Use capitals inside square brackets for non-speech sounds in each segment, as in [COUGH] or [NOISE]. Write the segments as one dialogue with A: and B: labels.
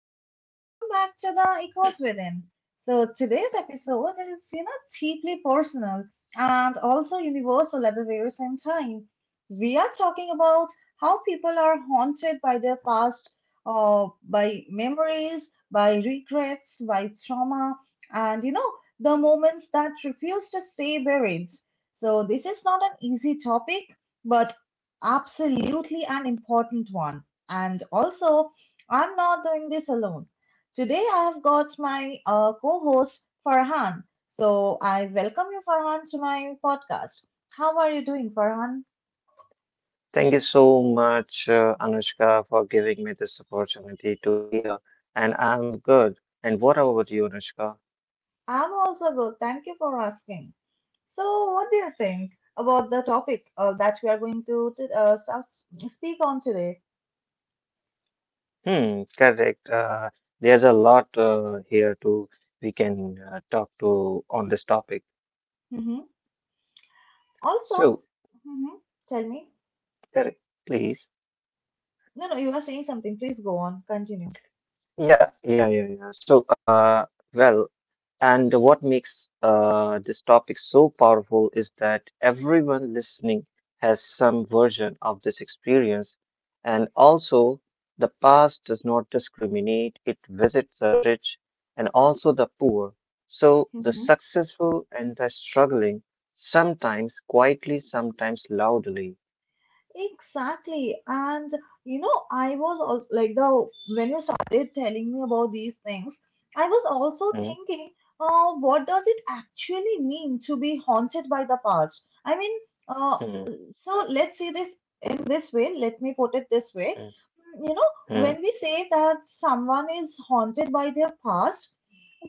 A: and welcome back to the Echoes Within. So, today's episode is, you know, deeply personal and also universal at the very same time. We are talking about how people are haunted by their past, by memories, by regrets, by trauma, and, you know, the moments that refuse to stay buried. So, this is not an easy topic, but absolutely an important one. And also, I'm not doing this alone. Today I have got my co host, Farhan. So I welcome you, Farhan, to my podcast. How are you doing, Farhan?
B: Thank you so much, Anushka, for giving me this opportunity to hear. And I'm good. And what about you, Anushka?
A: I'm also good. Thank you for asking. So, what do you think about the topic that we are going to start, speak on today?
B: Hmm, correct. There's a lot here to we can talk to on this topic.
A: hmm Also,
B: So,
A: hmm tell me.
B: correct, please.
A: No, no, you are saying something. Please go on. Continue.
B: Yeah, yeah, yeah, yeah. So, well. And what makes this topic so powerful is that everyone listening has some version of this experience. And also, the past does not discriminate, it visits the rich and also the poor. So, the successful and the struggling, sometimes quietly, sometimes loudly.
A: Exactly. And you know, I was also, like the when you started telling me about these things, I was also
B: Mm,
A: thinking, what does it actually mean to be haunted by the past? I mean, uh,
B: mm,
A: so let's see this in this way. Let me put it this way.
B: mm,
A: You know,
B: mm,
A: when we say that someone is haunted by their past,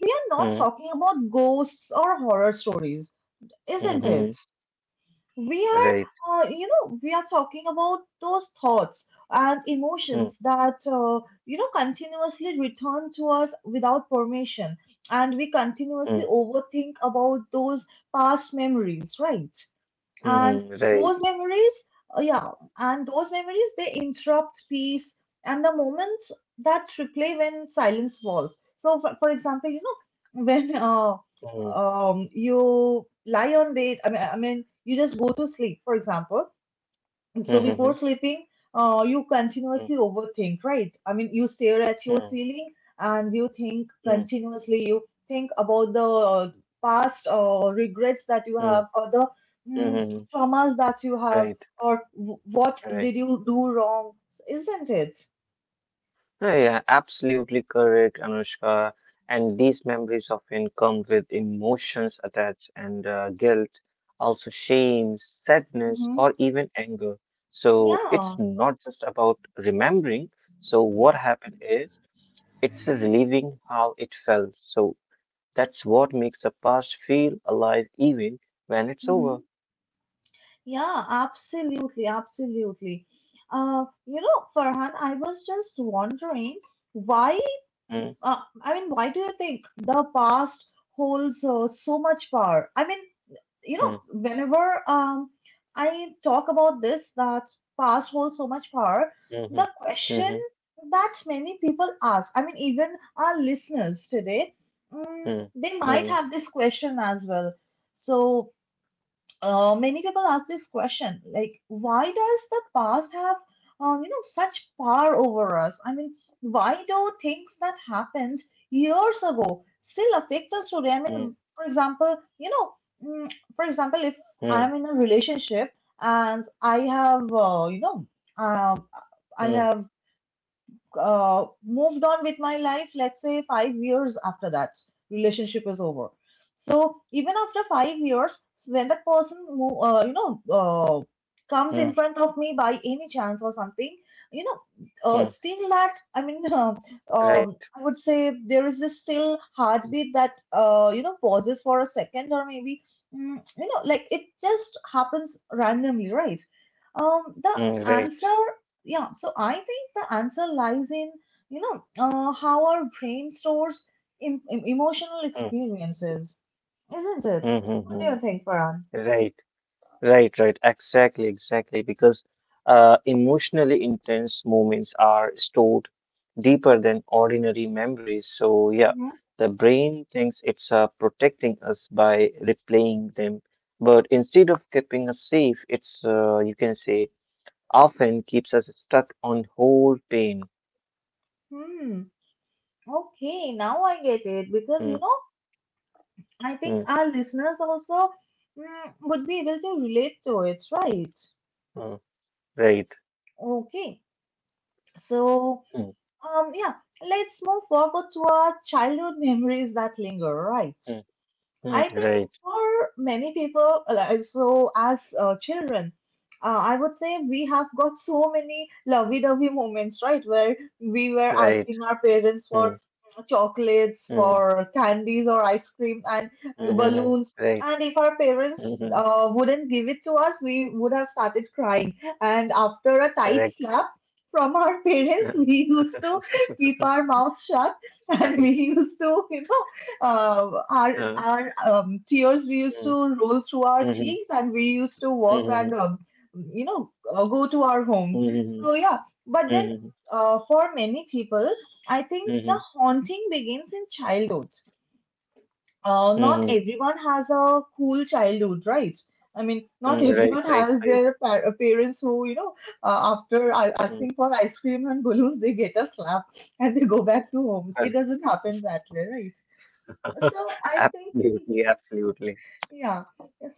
A: we are
B: mm,
A: not talking about ghosts or horror stories,
B: mm,
A: isn't
B: mm,
A: it? We
B: right.
A: are, you know, we are talking about those thoughts and
B: Mm,
A: emotions that, you know, continuously return to us without permission, and we
B: mm,
A: continuously overthink about those past memories, right?
B: mm,
A: And
B: right.
A: those memories, uh, yeah and those memories, they interrupt peace and the moments that replay when silence falls. So for example, you know, [LAUGHS] when
B: Mm,
A: you lie on bed. I mean you just go to sleep, for example, and
B: mm,
A: so before
B: mm,
A: sleeping, you
B: mm,
A: continuously overthink, right? I mean, you stare at your
B: mm.
A: ceiling and you think
B: Mm.
A: continuously. You think about the past regrets that you
B: Mm,
A: have, or the mm,
B: mhm.
A: traumas that you
B: Right,
A: have, or what
B: right.
A: did you do wrong, isn't it?
B: No, yeah, absolutely correct, Anushka. And these memories often come with emotions attached and, guilt, also shame, sadness,
A: hmm
B: or even anger. So it's
A: Yeah.
B: not just about remembering. So what happened is it's relieving how it felt. So that's what makes the past feel alive even when it's
A: hmm
B: over.
A: Yeah, absolutely, absolutely. You know, Farhan, I was just wondering why,
B: Mm,
A: I mean, why do you think the past holds so much power? I mean, you know,
B: mm,
A: whenever I talk about this, that past holds so much power, the
B: mhm,
A: question
B: mhm,
A: that many people ask, I mean, even our listeners today,
B: mm,
A: they might
B: mhm,
A: have this question as well. So, many people ask this question, like why does the past have, you know, such power over us? I mean, why do things that happened years ago still affect us today? I mean, for example, you know, mm, for example, if
B: mm,
A: I'm in a relationship and I have, you know, um, i
B: mm.
A: have uh, moved on with my life, let's say 5 years after that relationship is over. So even after 5 years, when that person, you know, comes in
B: Hmm,
A: front of me by any chance or something, you know,
B: hmm,
A: still that, I mean, [LAUGHS]
B: right.
A: I would say there is this still heartbeat that, you know, pauses for a second, or maybe, you know, like it just happens randomly, right? Um, the
B: Hmm, right.
A: answer, yeah, so I think the answer lies in, you know, how our brain stores emotional
B: Hmm,
A: experiences, isn't it?
B: hmm, hmm,
A: What do
B: hmm,
A: you think, Farhan?
B: right. Right. Right. Exactly. Exactly. Because emotionally intense moments are stored deeper than ordinary memories. So, yeah,
A: Mhm.
B: the brain thinks it's protecting us by replaying them. But instead of keeping us safe, it's, you can say, often keeps us stuck on whole pain.
A: Hmm. Okay, now I get it
B: Hmm,
A: because, you know, I
B: hmm,
A: think our listeners also, would be able to relate to it, right?
B: hmm, right.
A: Okay, so,
B: Hmm,
A: yeah, let's move forward to our childhood [LAUGHS] memories that linger, right?
B: hmm, hmm,
A: I think
B: right.
A: for many people, so as children, I would say we have got so many lovey-dovey moments, right? Where we were
B: Right.
A: asking our parents for chocolates,
B: Mm,
A: for candies or ice cream and
B: mhm,
A: balloons.
B: right.
A: And if our parents
B: Mhm,
A: wouldn't give it to us, we would have started crying. And after a tight
B: correct.
A: slap from our parents, [LAUGHS]
B: uh,
A: we used to keep our mouths shut, and we
B: Right.
A: used to, you know, uh, our
B: uh,
A: our tears we used
B: mm,
A: to roll through our
B: mhm,
A: cheeks, and we used to walk and,
B: mhm,
A: you know, go to our homes.
B: mhm,
A: So yeah, but then,
B: mhm,
A: for many people, I think the
B: mhm,
A: haunting begins in childhood. Not
B: mhm,
A: everyone has a cool childhood, right? I mean, not
B: mm,
A: [LAUGHS]
B: right.
A: everyone
B: Right.
A: has
B: Right.
A: their parents who, you know, after
B: Mm,
A: asking for ice cream and balloons, they get a slap and they go back to home.
B: uh,
A: It doesn't happen that way, right?
B: [LAUGHS]
A: So I think,
B: Absolutely. Absolutely.
A: yeah.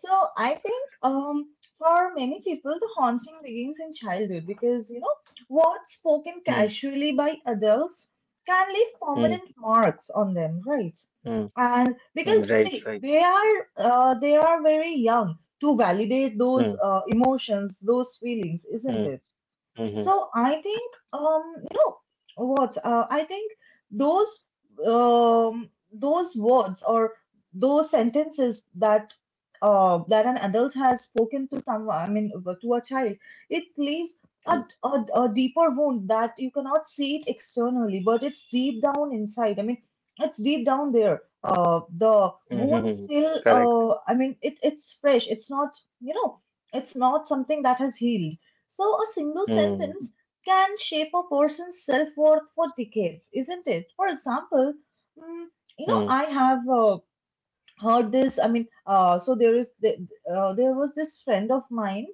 A: So I think, for many people, the haunting begins in childhood because, you know, words spoken
B: Mm,
A: casually by adults can leave
B: mm,
A: permanent marks on them, right?
B: mm,
A: And
B: mm,
A: because
B: right.
A: see,
B: Right.
A: they are, they are very young to validate those
B: Mm,
A: emotions, those feelings, isn't
B: mm,
A: it?
B: mhm,
A: So I think, you know what, I think those, those words or those sentences that an adult has spoken to someone, I mean, to a child, it leaves a,
B: mm,
A: a deeper wound that you cannot see it externally, but it's deep down inside. I mean, it's deep down there, the wound
B: mhm,
A: still,
B: correct.
A: I mean, it's fresh, it's not, you know, it's not something that has healed. So, a single
B: Mm,
A: sentence can shape a person's self worth for decades, isn't it? For example, mm, you know,
B: mm,
A: I have, heard this. I mean, so there is there was this friend of mine.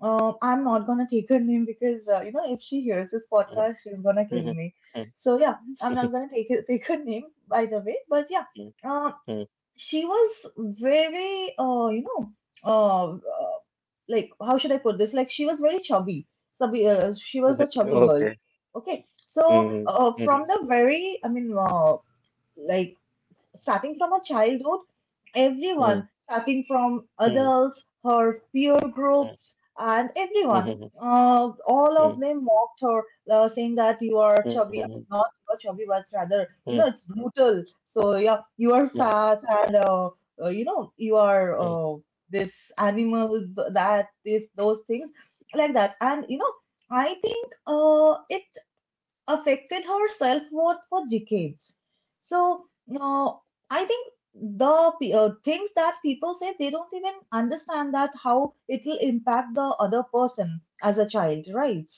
A: I'm not gonna take her [LAUGHS] name because, you know, if she hears this podcast,
B: mm,
A: she's gonna kill
B: mhm,
A: me.
B: mm,
A: So yeah, I'm not
B: [LAUGHS]
A: gonna [LAUGHS] take her name, by the way. But yeah,
B: mm,
A: uh, she was very, you know. Uh, uh, like how should I put this? Like she was very chubby. So we, she was a
B: [LAUGHS]
A: chubby girl.
B: okay.
A: Okay. So
B: Mm,
A: from
B: mhm,
A: the very, I mean, like starting from a childhood, everyone,
B: mm,
A: starting from
B: mm,
A: adults, her peer
B: mm,
A: groups, and everyone,
B: mhm,
A: all of
B: mm,
A: them mocked her, saying that you are chubby,
B: mhm,
A: not you are chubby, but rather, you
B: mm,
A: know, it's brutal. So, yeah, you are
B: mm.
A: fat, and you know, you are,
B: Mm,
A: this animal, that, this, those things like that. And, you know, I think it affected her self worth for decades. So, uh, I think the things that people say, they don't even understand that how it will impact the other person as a child, right?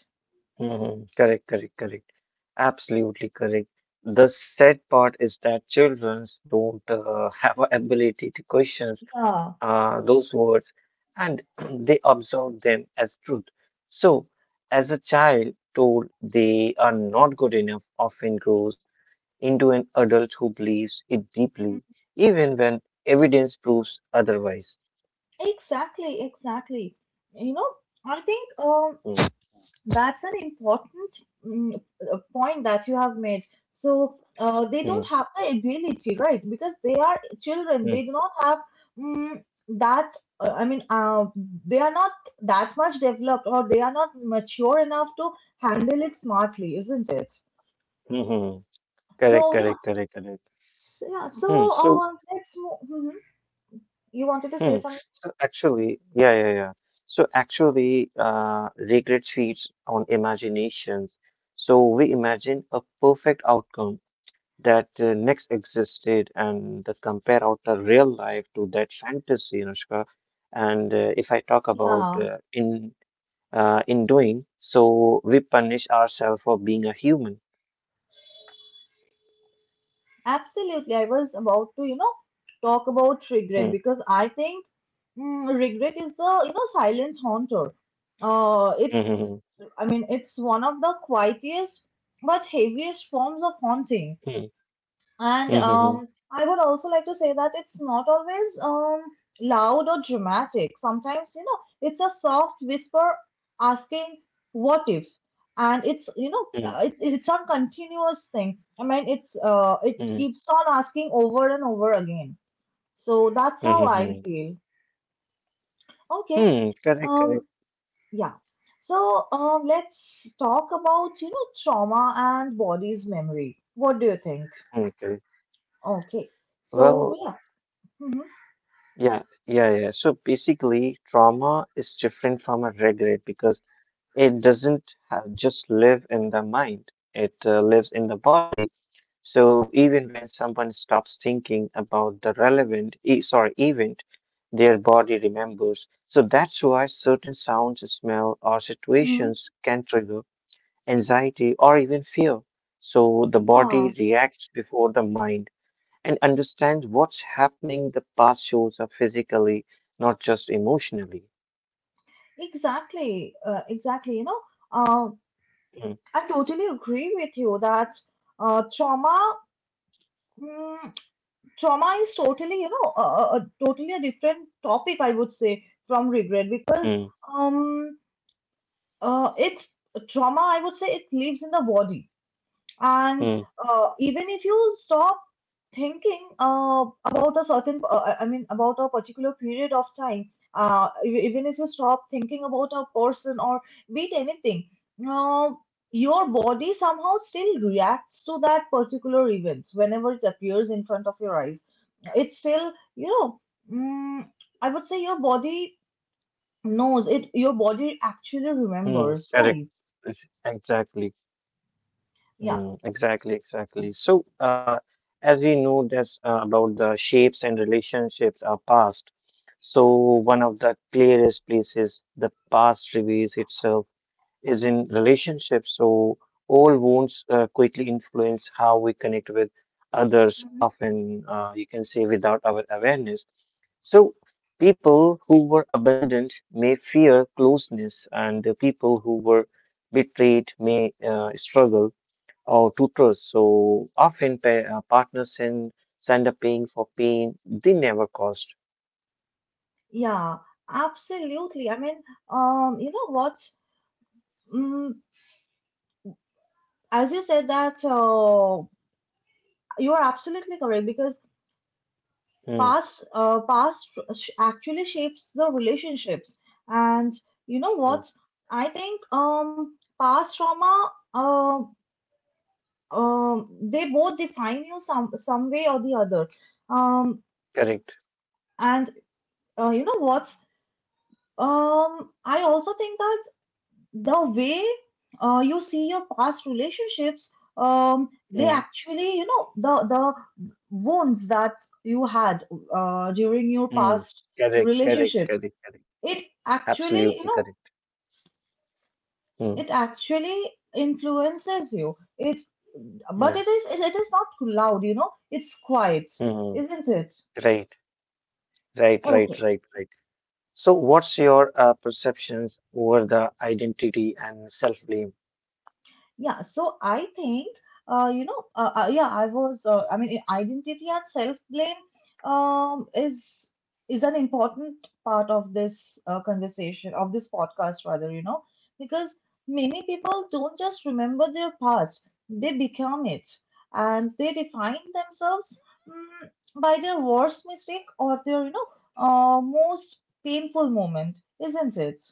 B: mhm. Correct, correct, correct. Absolutely correct. The sad part is that children don't [LAUGHS] have a ability to question
A: Yeah.
B: those words, and [CLEARS THROAT] they absorb them as truth. So, as a child told they are not good enough, often grows into an adult who believes it deeply, even when evidence proves otherwise.
A: Exactly, exactly. You know, I think,
B: Mm,
A: that's an important mm, point that you have made. So they don't
B: mm,
A: have the ability, right? Because they are children.
B: mm,
A: They do not have mm, that. I mean, they are not that much developed, or they are not mature enough to handle it smartly, isn't it?
B: mhm. Correct,
A: So yeah,
B: correct, correct, correct.
A: Yeah. So
B: Hmm. So,
A: let's move. You wanted to
B: hmm.
A: say something?
B: So actually, yeah, yeah, yeah. So actually, regret feeds on imaginations. So we imagine a perfect outcome that next existed and that compare out the real life to that fantasy, Anushka. And if I talk about
A: Yeah.
B: in doing, so we punish ourselves for being a human.
A: Absolutely. I was about to, you know, talk about
B: Hmm.
A: regret because I think, regret is the, you know, silent haunter. Uh, it's,
B: Hmm.
A: I mean, it's one of the quietest but heaviest forms of haunting.
B: Hmm.
A: And
B: Hmm.
A: I would also like to say that it's not always, loud or dramatic. Sometimes, you know, it's a soft whisper asking, "What if?" And it's, you know,
B: Hmm. Hmm.
A: it's a continuous thing. I mean, it's, it
B: Hmm.
A: keeps on asking over and over again. So that's
B: Hmm. Hmm.
A: how
B: Hmm. Hmm.
A: I
B: Hmm.
A: feel. Okay.
B: Hmm, correct.
A: Um.
B: Correct.
A: Yeah. So, let's talk about, you know, trauma and body's memory. What do you think?
B: Hmm. Correct.
A: Okay. So
B: Well,
A: yeah. Mhm.
B: yeah, yeah, yeah. So basically, trauma is different from a regret because it doesn't ha just live in the mind, it lives in the body. So even when someone stops thinking about the event, their body remembers. So that's why certain sounds, smell, or
A: Mm-hmm.
B: situations can trigger anxiety, or even fear. So the
A: Yeah,
B: body reacts before the mind and understands what's happening. The past shows up physically, not just emotionally.
A: exactly. Exactly. You know, uh,
B: Mm,
A: I totally agree with you that, trauma, mm, trauma is totally, you know, a totally a different topic, I would say, from regret because,
B: mm,
A: um, it trauma, I would say, it lives in the body. And
B: mm,
A: even if you stop thinking about a certain, I mean, about a particular period of time, even if you stop thinking about a person or be it anything, uh, your body somehow still reacts to that particular event whenever it appears in front of your eyes. It's still, you know, mm, I would say your body knows it, your body actually
B: mm.
A: remembers,
B: Correct.
A: right?
B: Exactly.
A: Yeah.
B: Mm, exactly. Exactly. So, as we know, that's about the shapes and relationships are past. So, one of the clearest places the past reveals itself is in relationships. So old wounds quickly influence how we connect with others, often you can say without our awareness. So people who were abandoned may fear closeness, and the people who were betrayed may struggle or to trust. So often partners send a paying for pain they never caused.
A: Yeah, absolutely. I mean, you know what? Mm, as you said that, you are absolutely correct because
B: Hmm,
A: past, actually shapes the relationships. And you know
B: hmm,
A: what? I think, past trauma, they both define you some way or the other. Um,
B: correct.
A: and you know what? I also think that. The way you see your past relationships, they
B: Hmm,
A: actually, you know, the wounds that you had during your
B: hmm,
A: past
B: correct. Correct.
A: relationships,
B: Correct. Correct.
A: it actually, you
B: Absolutely
A: know,
B: correct. Hmm.
A: it actually influences you. It's But it
B: Mm,
A: is it is not loud, you know, it's quiet,
B: mm.
A: isn't it?
B: Right, right, right,
A: Okay.
B: right, right. So, what's your perceptions over the identity and self-blame?
A: Yeah, so I think, you know, yeah, I was, I mean, identity and self-blame um, is is an important part of this conversation, of this podcast, rather, you know, because many people don't just remember their past; they become it, and they define themselves, mm, by their worst mistake or their, you know, most painful moment, isn't it?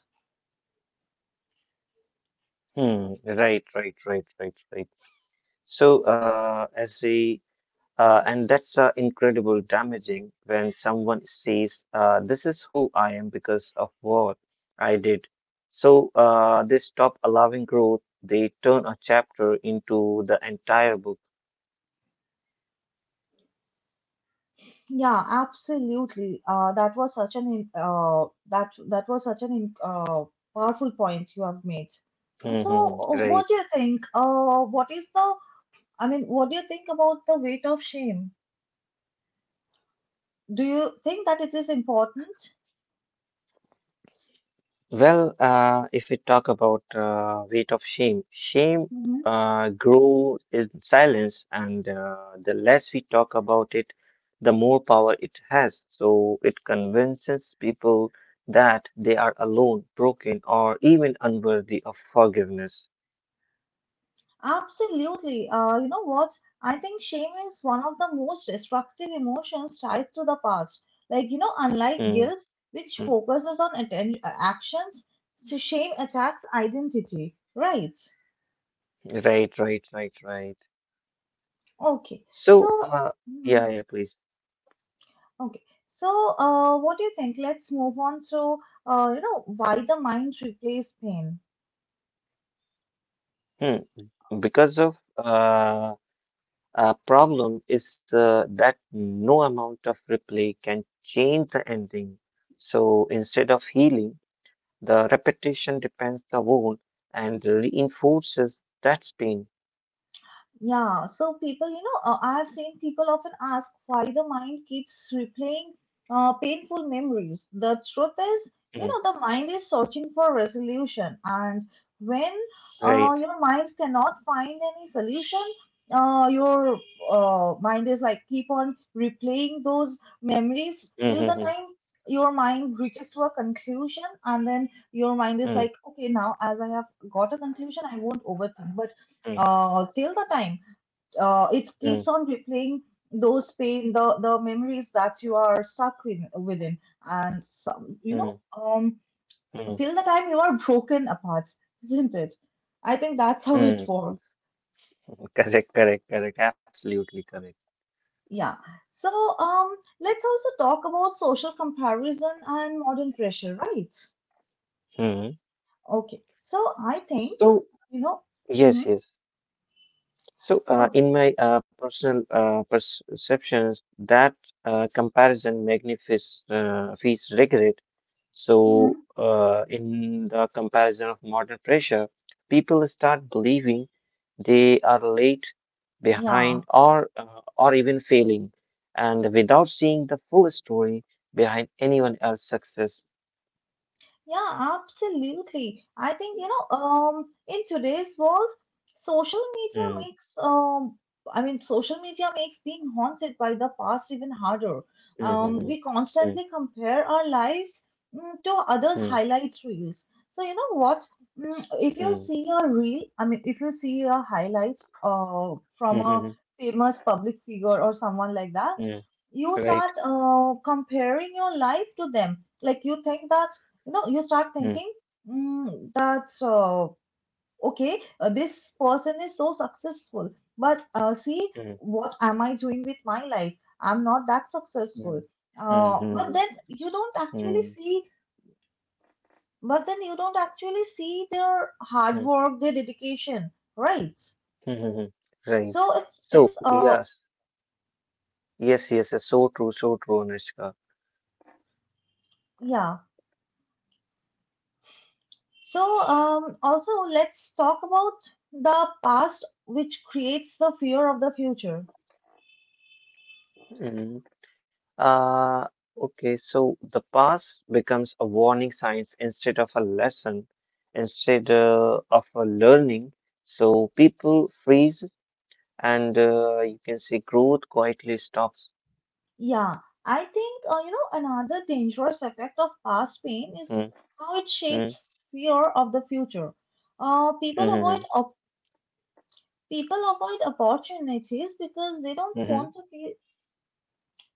B: Hmm. Right, right, right, right, right. So, as we and that's incredible damaging when someone says, "This is who I am because of what I did." So, they stop allowing growth. They turn a chapter into the entire book.
A: Yeah, absolutely. That was such an im- that that was such an im- powerful point you have made. So,
B: Mm-hmm.
A: what do
B: Right.
A: you think? What is the? I mean, what do you think about the weight of shame? Do you think that it is important?
B: Well, if we talk about weight of shame, shame
A: Hmm.
B: grows in silence, and the less we talk about it, the more power it has. So it convinces people that they are alone, broken, or even unworthy of forgiveness.
A: Absolutely. You know what? I think shame is one of the most destructive emotions tied to the past. Like, you know, unlike
B: Mm,
A: guilt, which
B: mm.
A: focuses on actions, so shame attacks identity, right?
B: Right, right, right, right.
A: Okay. So,
B: So, yeah,
A: mm,
B: yeah, please.
A: okay. So, what do you think? Let's move on to, you know, why the mind replaced pain.
B: Hmm. Because of Problem is that no amount of replay can change the ending. So instead of healing, the repetition depends the wound and reinforces that pain.
A: Yeah, so people, you know, I have seen people often ask why the mind keeps replaying painful memories. The truth is,
B: Mm,
A: you know, the mind is searching for resolution, and when
B: right.
A: uh, your mind cannot find any solution, your mind is like keep on replaying those memories till the
B: Mm-hmm.
A: time your mind reaches to a conclusion, and then your mind is
B: Mm,
A: like, okay, now as I have got a conclusion, I won't overthink. But
B: mm,
A: till the time it
B: mm,
A: keeps on replaying those pain, the memories that you are stuck in, within, and some, you know,
B: mm,
A: um
B: mm,
A: till the time you are broken apart, isn't it? I think that's [LAUGHS] how it
B: mm.
A: works.
B: Correct, correct, correct. Absolutely correct.
A: Yeah, so um let's also talk about social comparison and modern pressure, right?
B: Hmm.
A: Okay, so I think,
B: So,
A: you know. Hmm.
B: yes, yes. So,
A: Okay.
B: in my personal perceptions, that comparison magnifies fees regret.
A: Hmm.
B: So, in the comparison of modern pressure, people start believing they are late,
A: Yeah.
B: behind, or even failing, and without seeing the full story behind anyone else's success.
A: Yeah, absolutely. I think, you know, in today's world, social media
B: Mm,
A: makes, um, I mean, social media makes being haunted by the past even harder.
B: mm, mm,
A: We
B: mm,
A: constantly compare our lives, to others'
B: mm,
A: highlight reels. So, you know what? Mm, if you
B: mm,
A: see a reel, I mean, if you see a highlight from
B: mm,
A: a
B: mm,
A: famous public figure or someone like that,
B: mm, mm,
A: you start
B: right.
A: comparing your life to them. Like, you think that, you know, you start
B: Mm,
A: thinking, mm, that okay, this person is so successful, but see,
B: mm.
A: what am I doing with my life? I'm not that successful.
B: Mm, mm,
A: uh, but
B: mm,
A: then you don't actually
B: mm,
A: see but then you don't actually see their hard
B: mm, mm, mm.
A: work, their dedication, right?
B: Mm, mm. Right.
A: So it's it's
B: So,
A: uh
B: yes, yes, yes, yes, so true, Anushka.
A: yeah. So also let's talk about the past which creates the fear of the future.
B: Mm. Uh, okay, so the past becomes a warning signs instead of a lesson, instead of a learning. So people freeze and, you can see growth quietly stops.
A: Yeah, I think, you know, another dangerous effect of past pain is
B: Mm,
A: how it
B: mm,
A: shapes fear of the future. Uh, people avoid
B: mm,
A: op- People avoid opportunities because
B: mm, mm,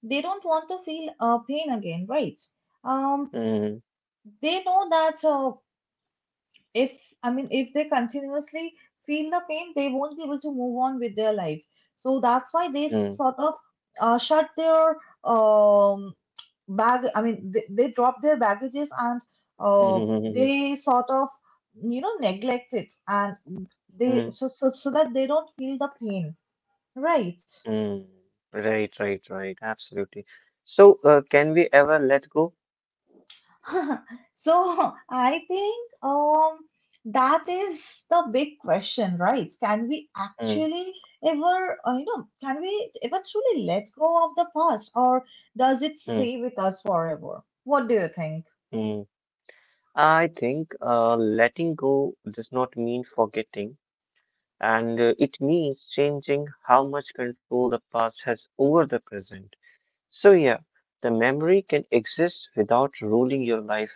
A: they don't want to feel pain again, right? Um,
B: mm,
A: they know that, if I mean, if they continuously feel the pain, they won't be able to move on with their life. So that's why they
B: mm,
A: sort of shut their um, bag. I mean, they dropped their baggages and
B: mm,
A: uh,
B: mm, mm,
A: they sort of, you know, neglect it, and they,
B: mm,
A: so that they don't feel the pain, right?
B: mm, right, right, right. Absolutely. So, can we ever let go?
A: [LAUGHS] So I think, that is the big question, right? Can we
B: Mm,
A: actually ever, can we ever truly let go of the past, or does it
B: mm,
A: stay with us forever? What do you think?
B: mm. I think letting go does not mean forgetting, and it means changing how much control the past has over the present. So, yeah, the memory can exist without ruling your life.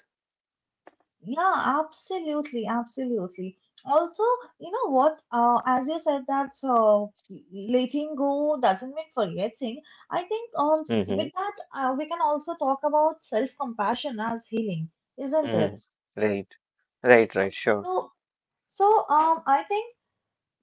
A: Yeah, absolutely, absolutely. Also, you know what? As you said that, letting go doesn't mean forgetting. I think,
B: Hmm.
A: with that, we can also talk about self-compassion as healing, isn't
B: Hmm.
A: it?
B: Right, right, right, sure.
A: So, so I think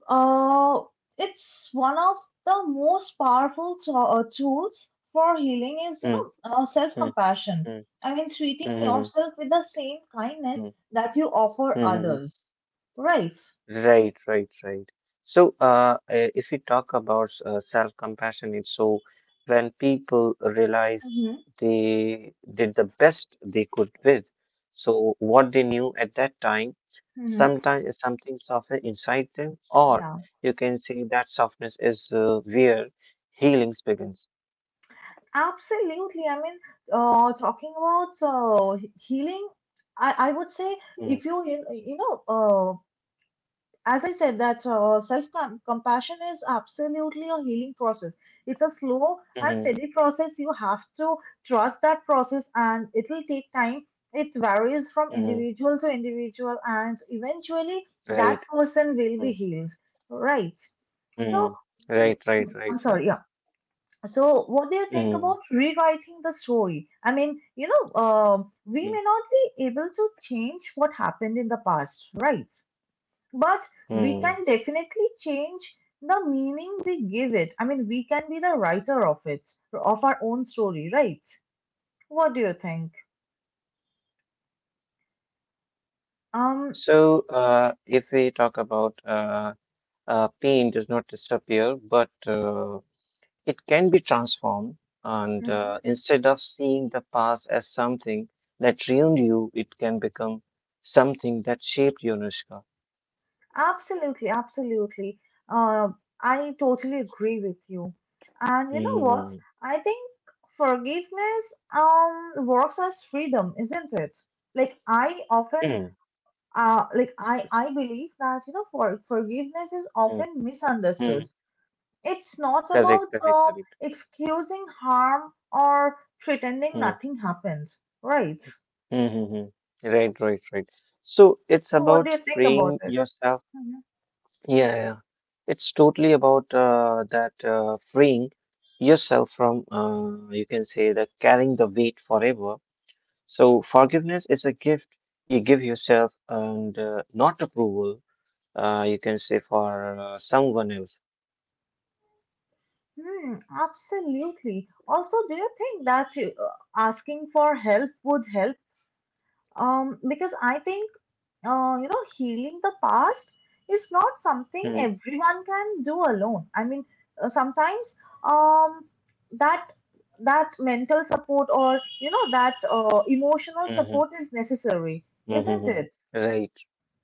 A: uh, it's one of the most powerful tools for healing is, you
B: Mm,
A: know,
B: mm,
A: self-compassion.
B: mm,
A: I mean, treating
B: mm,
A: yourself with the same kindness
B: mm,
A: that you offer
B: mm, mm.
A: others, right?
B: Right, right, right. So, if we talk about self-compassion, it's so when people realize
A: Mm-hmm.
B: they did the best they could with, so what they knew at that time,
A: Mm-hmm.
B: sometimes something softer inside them, or
A: Yeah,
B: you can say that softness is where healing begins.
A: absolutely. I mean, talking about healing, I would say, if
B: Mm,
A: you, you, you know, as I said, that self compassion is absolutely a healing process. It's a slow and
B: mm,
A: steady process. You have to trust that process, and it will take time. It varies from
B: mm,
A: individual to individual, and eventually that
B: right,
A: person will be
B: mm,
A: healed. Right. So,
B: mm, right, right,
A: I'm
B: right,
A: sorry.
B: right.
A: Yeah. So, what do you think about
B: Mm,
A: rewriting the story? I mean, you know, we
B: mm,
A: may not be able to change what happened in the past, right? But we
B: mm.
A: can definitely change the meaning we give it. I mean, we can be the writer of it, of our own story, right? What do you think? Um,
B: So, if we talk about pain does not disappear, but it can be transformed. And
A: hmm.
B: instead of seeing the past as something that ruined you, it can become something that shaped you, Anushka.
A: Absolutely, absolutely. Uh, I totally agree with you. And you know what?
B: Hmm.
A: I think forgiveness works as freedom, isn't it? Like I often
B: Hmm.
A: like I believe that, you know, forgiveness is
B: Hmm.
A: often
B: Hmm.
A: misunderstood. It's not
B: Correct,
A: about,
B: correct, correct.
A: excusing harm or pretending
B: Hmm.
A: nothing happened, right?
B: Hmm. Hmm. Hmm. Right, right, right. So it's
A: So, what
B: about
A: do you think about
B: freeing
A: it?
B: yourself.
A: Mhm.
B: Yeah, yeah. It's totally about that freeing yourself from, you can say, the carrying the weight forever. So forgiveness is a gift you give yourself, and, not approval. You can say for someone else.
A: Hmm, absolutely. Also, do you think that you, asking for help would help? Because I think, you know, healing the past is not something
B: Mm-hmm.
A: everyone can do alone. I mean, sometimes um, that that mental support, or, you know, that emotional support is necessary, isn't
B: Hmm.
A: it?
B: Right,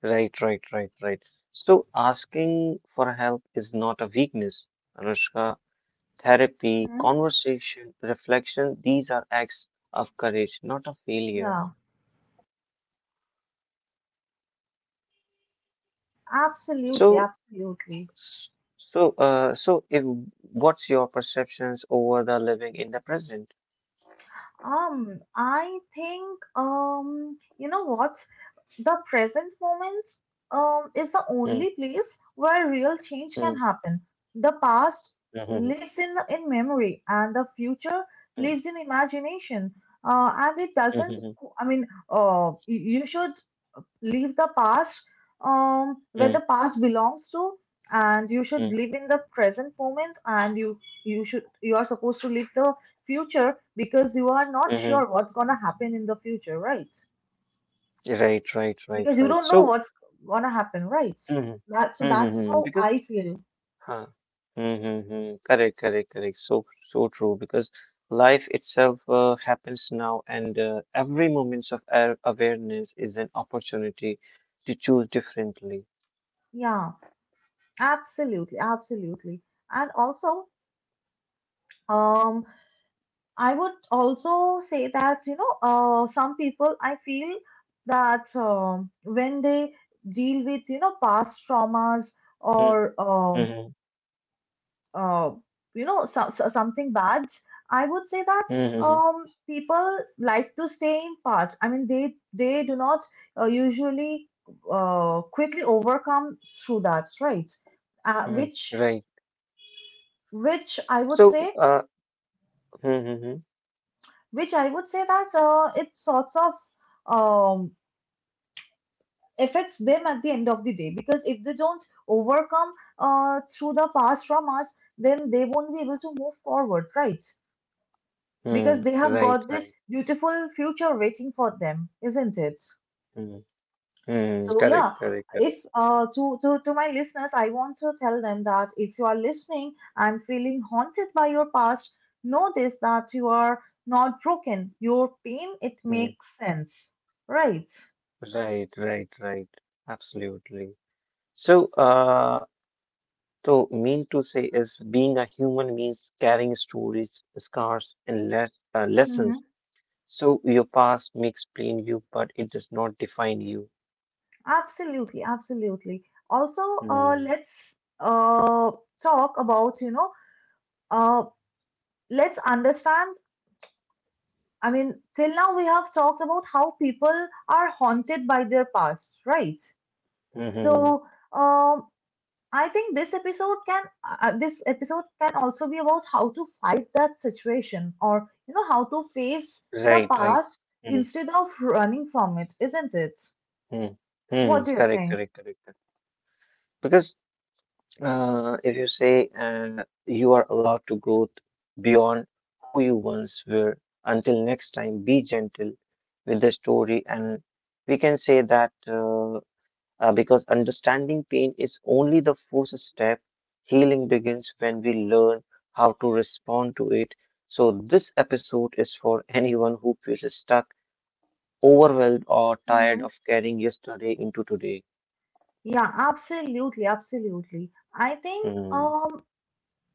B: right, right, right, right. So asking for help is not a weakness, Anushka. Therapy,
A: Mhm.
B: conversation, reflection, these are acts of courage, not of failure.
A: Yeah, absolutely,
B: So,
A: absolutely.
B: s- if what's your perceptions over the living in the present?
A: I think, you know what? The present moment is the
B: Mm,
A: only place where real change
B: mm,
A: can happen. The past
B: mhm,
A: lives in memory, and the future
B: mm,
A: lives in imagination. And it doesn't,
B: mhm,
A: I mean, you, you should leave the past
B: mm,
A: where the past belongs to, and you
B: mm,
A: should live in the present moment, and you should, you are supposed to live the future because you are not
B: mhm.
A: sure what's gonna happen in the future, right?
B: Right, right, right,
A: Because you
B: right.
A: don't know
B: So,
A: what's gonna happen, right?
B: mhm,
A: That, so
B: mhm,
A: that's
B: mhm.
A: how
B: Because.
A: I feel.
B: Huh. Mm-hmm. Correct, correct, correct. So, so true because life itself happens now, and every moment of awareness is an opportunity to choose differently.
A: Yeah, absolutely, absolutely. And also, um, I would also say that, you know, some people I feel that, when they deal with, you know, past traumas
B: Mm-hmm.
A: or,
B: Mm-hmm.
A: uh, you know, something bad, I would say that,
B: Mm-hmm.
A: people like to stay in past. I mean, they do not usually quickly overcome through that, right? Uh,
B: Mm-hmm.
A: which
B: Right.
A: which I would
B: So,
A: say,
B: mm-hmm.
A: which I would say that, it sorts of um, affects them at the end of the day, because if they don't overcome through the past traumas, then they won't be able to move forward, right?
B: Mm.
A: Because they have
B: Right,
A: got
B: right.
A: this beautiful future waiting for them, isn't it?
B: Mm. Mm.
A: So
B: Correct,
A: yeah,
B: correct, correct.
A: if, to my listeners, I want to tell them that if you are listening and feeling haunted by your past, know this that you are not broken. Your pain, it
B: Mm.
A: makes sense, right?
B: Right, right, right. Absolutely. So, mean to say is being a human means carrying stories, scars, and
A: Mm-hmm.
B: lessons. So, your past may explain you, but it does not define you.
A: Absolutely, absolutely. Also,
B: Mm.
A: let's uh, talk about, you know, uh, let's understand, I mean, till now we have talked about how people are haunted by their past, right?
B: Mm-hmm.
A: So, um, I think this episode can, this episode can also be about how to fight that situation, or, you know, how to face the
B: Right, right.
A: past
B: Mm,
A: instead of running from it, isn't it?
B: mm, mm.
A: What do you
B: Correct,
A: think?
B: correct, correct. Correct. Because if you say you are allowed to grow beyond who you once were, until next time, be gentle with the story, and we can say that, because understanding pain is only the first step. Healing begins when we learn how to respond to it. So, this episode is for anyone who feels stuck, overwhelmed, or tired
A: Mm-hmm.
B: of carrying yesterday into today.
A: Yeah, absolutely, absolutely. I think,
B: Hmm,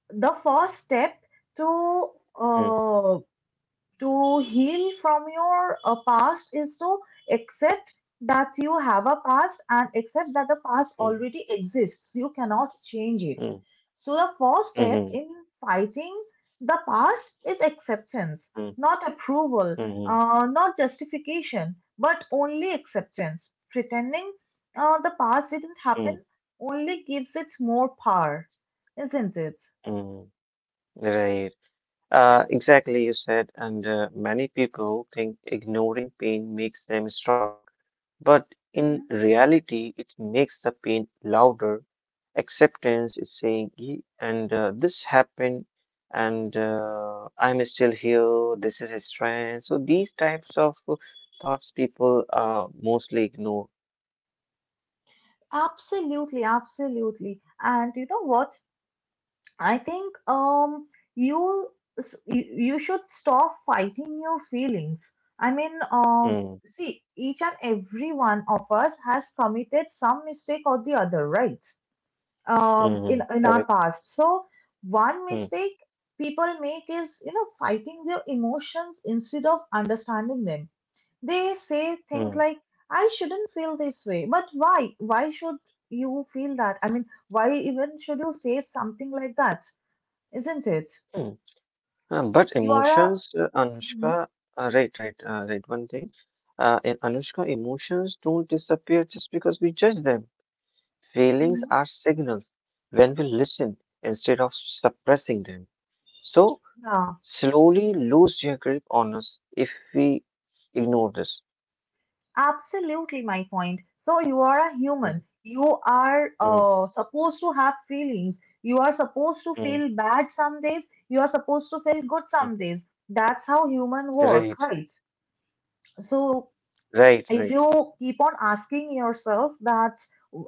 A: the first step to
B: hmm,
A: uh to heal from your past is to accept that you have a past, and accept that the past
B: hmm,
A: already exists. You cannot change it.
B: hmm,
A: So, the first step
B: hmm,
A: in fighting the past is acceptance,
B: hmm,
A: not
B: hmm,
A: approval,
B: hmm,
A: not justification, but only acceptance. Pretending the past didn't
B: hmm.
A: happen only gives it more power, isn't it?
B: Hmm. Right. Exactly, you said, and many people think ignoring pain makes them strong, but in
A: Hmm.
B: reality, it makes the pain louder. Acceptance is saying, And this happened and I'm still here." This is his strength. So these types of thoughts people mostly ignore.
A: Absolutely, absolutely. And you know what? I think, you, you, you should stop fighting your feelings. I mean,
B: Mm,
A: see, each and every one of us has committed some mistake or the other, right?
B: mm,
A: In our
B: correct.
A: past. So one
B: Mm,
A: mistake people make is, you know, fighting their emotions instead of understanding them. They say things
B: mm,
A: like, "I shouldn't feel this way," but why? Why should you feel that? I mean, why even should you say something like that? Isn't it?
B: mm. But
A: You are
B: emotions,
A: a
B: Anushka,
A: Mhm,
B: right one thing, in anushka emotions don't disappear just because we judge them. Feelings
A: mhm.
B: are signals when we listen instead of suppressing them, so
A: Yeah,
B: slowly lose their grip on us if we ignore this.
A: absolutely my point. So you are a human.
B: Mm,
A: You are
B: mm,
A: supposed to have feelings. You are supposed to feel
B: mm,
A: bad some days. You are supposed to feel good
B: mm.
A: some days. That's how human work,
B: Right,
A: right? So
B: right,
A: if
B: right.
A: you keep on asking yourself that,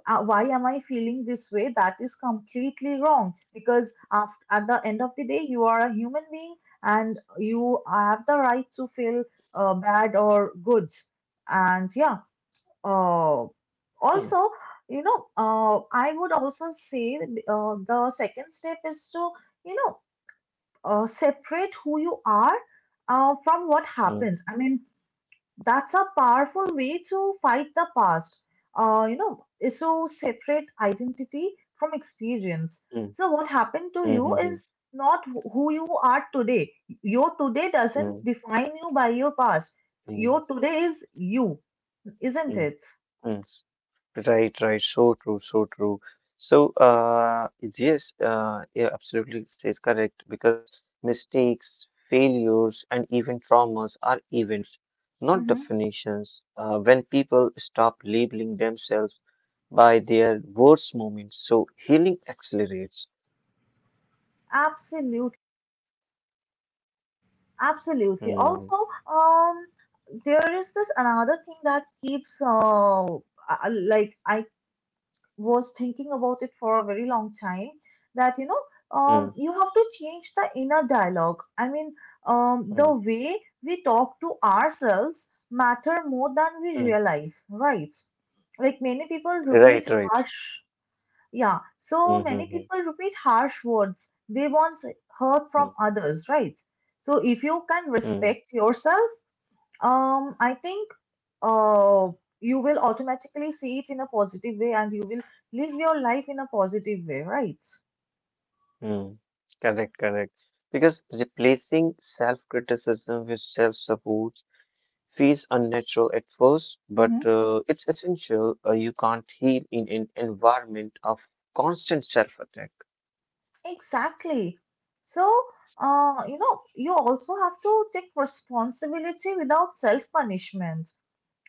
A: why am I feeling this way, that is completely wrong because af at the end of the day, you are a human being and you have the right to feel bad or good. And yeah, uh,
B: Mm,
A: also, you know, I would also say the second step is to, you know, separate who you are from what
B: mm,
A: happened. I mean, that's a powerful way to fight the past. You know, is to separate identity from experience.
B: mm,
A: So what happened to you
B: mm, mm,
A: is not who you are today. Your today
B: mm,
A: doesn't define you by your past.
B: mm, mm,
A: Your today is you, isn't
B: mm,
A: it?
B: mm. Right, right. So true, so true. So, yes, yeah, absolutely says correct because mistakes, failures, and even traumas are events, not
A: Mm-hmm.
B: definitions. When people stop labeling themselves by their worst moments, so healing accelerates.
A: Absolutely, absolutely.
B: Mm,
A: Also, there is this another thing that keeps like, I was thinking about it for a very long time that, you know,
B: mm,
A: you have to change the inner dialogue. I mean, the
B: mm,
A: way we talk to ourselves matter more than we
B: mm.
A: realize, right? Like, many people repeat
B: Right, right.
A: harsh, yeah, so many
B: Mm-hmm.
A: people repeat harsh words they once heard
B: Mm, mm,
A: from others, right? So if you can
B: mm.
A: respect yourself, I think uh, you will automatically see it in a positive way, and you will live your life in a positive way, right?
B: Mm, mm. Correct, correct. Because replacing self-criticism with self-support feels unnatural at first, but,
A: Mm-hmm.
B: it's essential. You can't heal in an environment of constant self-attack.
A: Exactly. So, you know, you also have to take responsibility without self-punishment.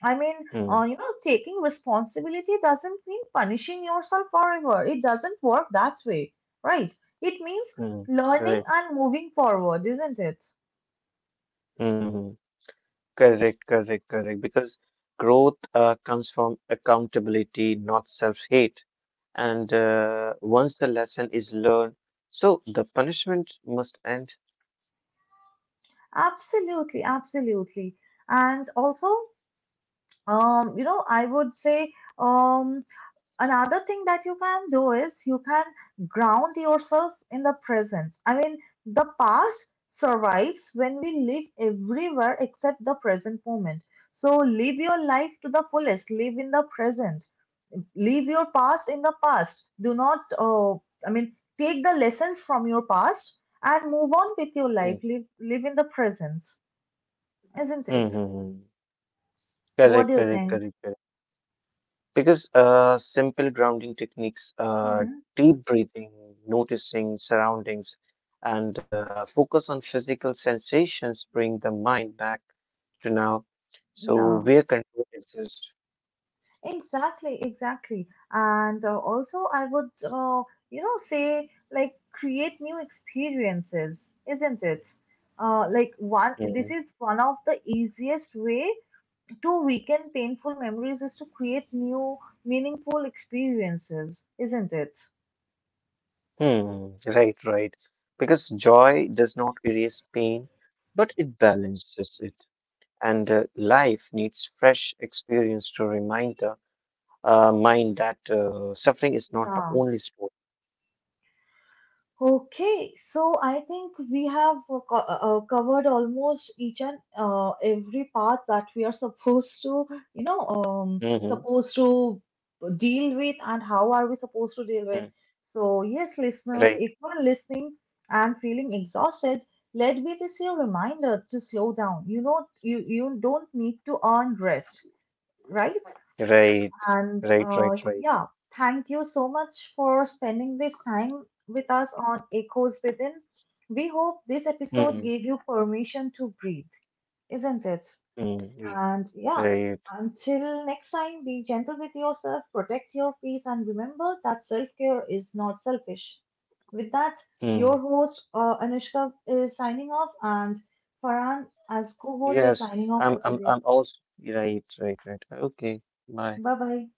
A: I mean,
B: Mm,
A: you know, taking responsibility doesn't mean punishing yourself forever. It doesn't work that way, right? It means
B: mm.
A: learning
B: Right.
A: and moving forward, isn't it?
B: Mm-hmm. Correct, correct, correct. Because growth comes from accountability, not self-hate. And once the lesson is learned, so the punishment must end.
A: Absolutely, absolutely. And also, you know, I would say, um, another thing that you can do is you can ground yourself in the present. I mean, the past survives when we live everywhere except the present moment. So live your life to the fullest, live in the present, leave your past in the past. Do not, I mean, take the lessons from your past and move on with your
B: Hmm.
A: life. Live, live in the present, isn't
B: Hmm,
A: it?
B: hmm, hmm.
A: What do
B: Correct,
A: you
B: correct,
A: think?
B: correct, correct. Because simple grounding techniques,
A: Hmm.
B: deep breathing, noticing surroundings, and focus on physical sensations bring the mind back to now. So
A: Yeah,
B: where control exists.
A: exactly, exactly. And also, I would, you know, say, like, create new experiences, isn't it? This
B: Hmm.
A: is one of the easiest way to weaken painful memories is to create new meaningful experiences, isn't it?
B: Hmm, right, right. Because joy does not erase pain, but it balances it. And life needs fresh experience to remind the, mind that suffering is not the
A: Yeah.
B: only story.
A: Okay, so I think we have covered almost each and every part that we are supposed to, you know,
B: Mm-hmm.
A: supposed to deal with, and how are we supposed to deal with. So, yes, listeners,
B: Right,
A: if you're listening and feeling exhausted, let me just your reminder to slow down. You know, you don't need to earn rest, right?
B: right,
A: And
B: right, right, right.
A: yeah, thank you so much for spending this time with us on Echoes Within. We hope this episode
B: Mm-hmm.
A: gave you permission to breathe, isn't it?
B: Mm,
A: And yeah,
B: right.
A: until next time, be gentle with yourself, protect your peace, and remember that self care is not selfish. With that, your
B: Mm.
A: host Anushka is signing off, and Farhan as co host is
B: Yes,
A: signing off
B: I'm,
A: for
B: I'm,
A: today.
B: I'm also right, right, right. Okay, bye.
A: Bye bye.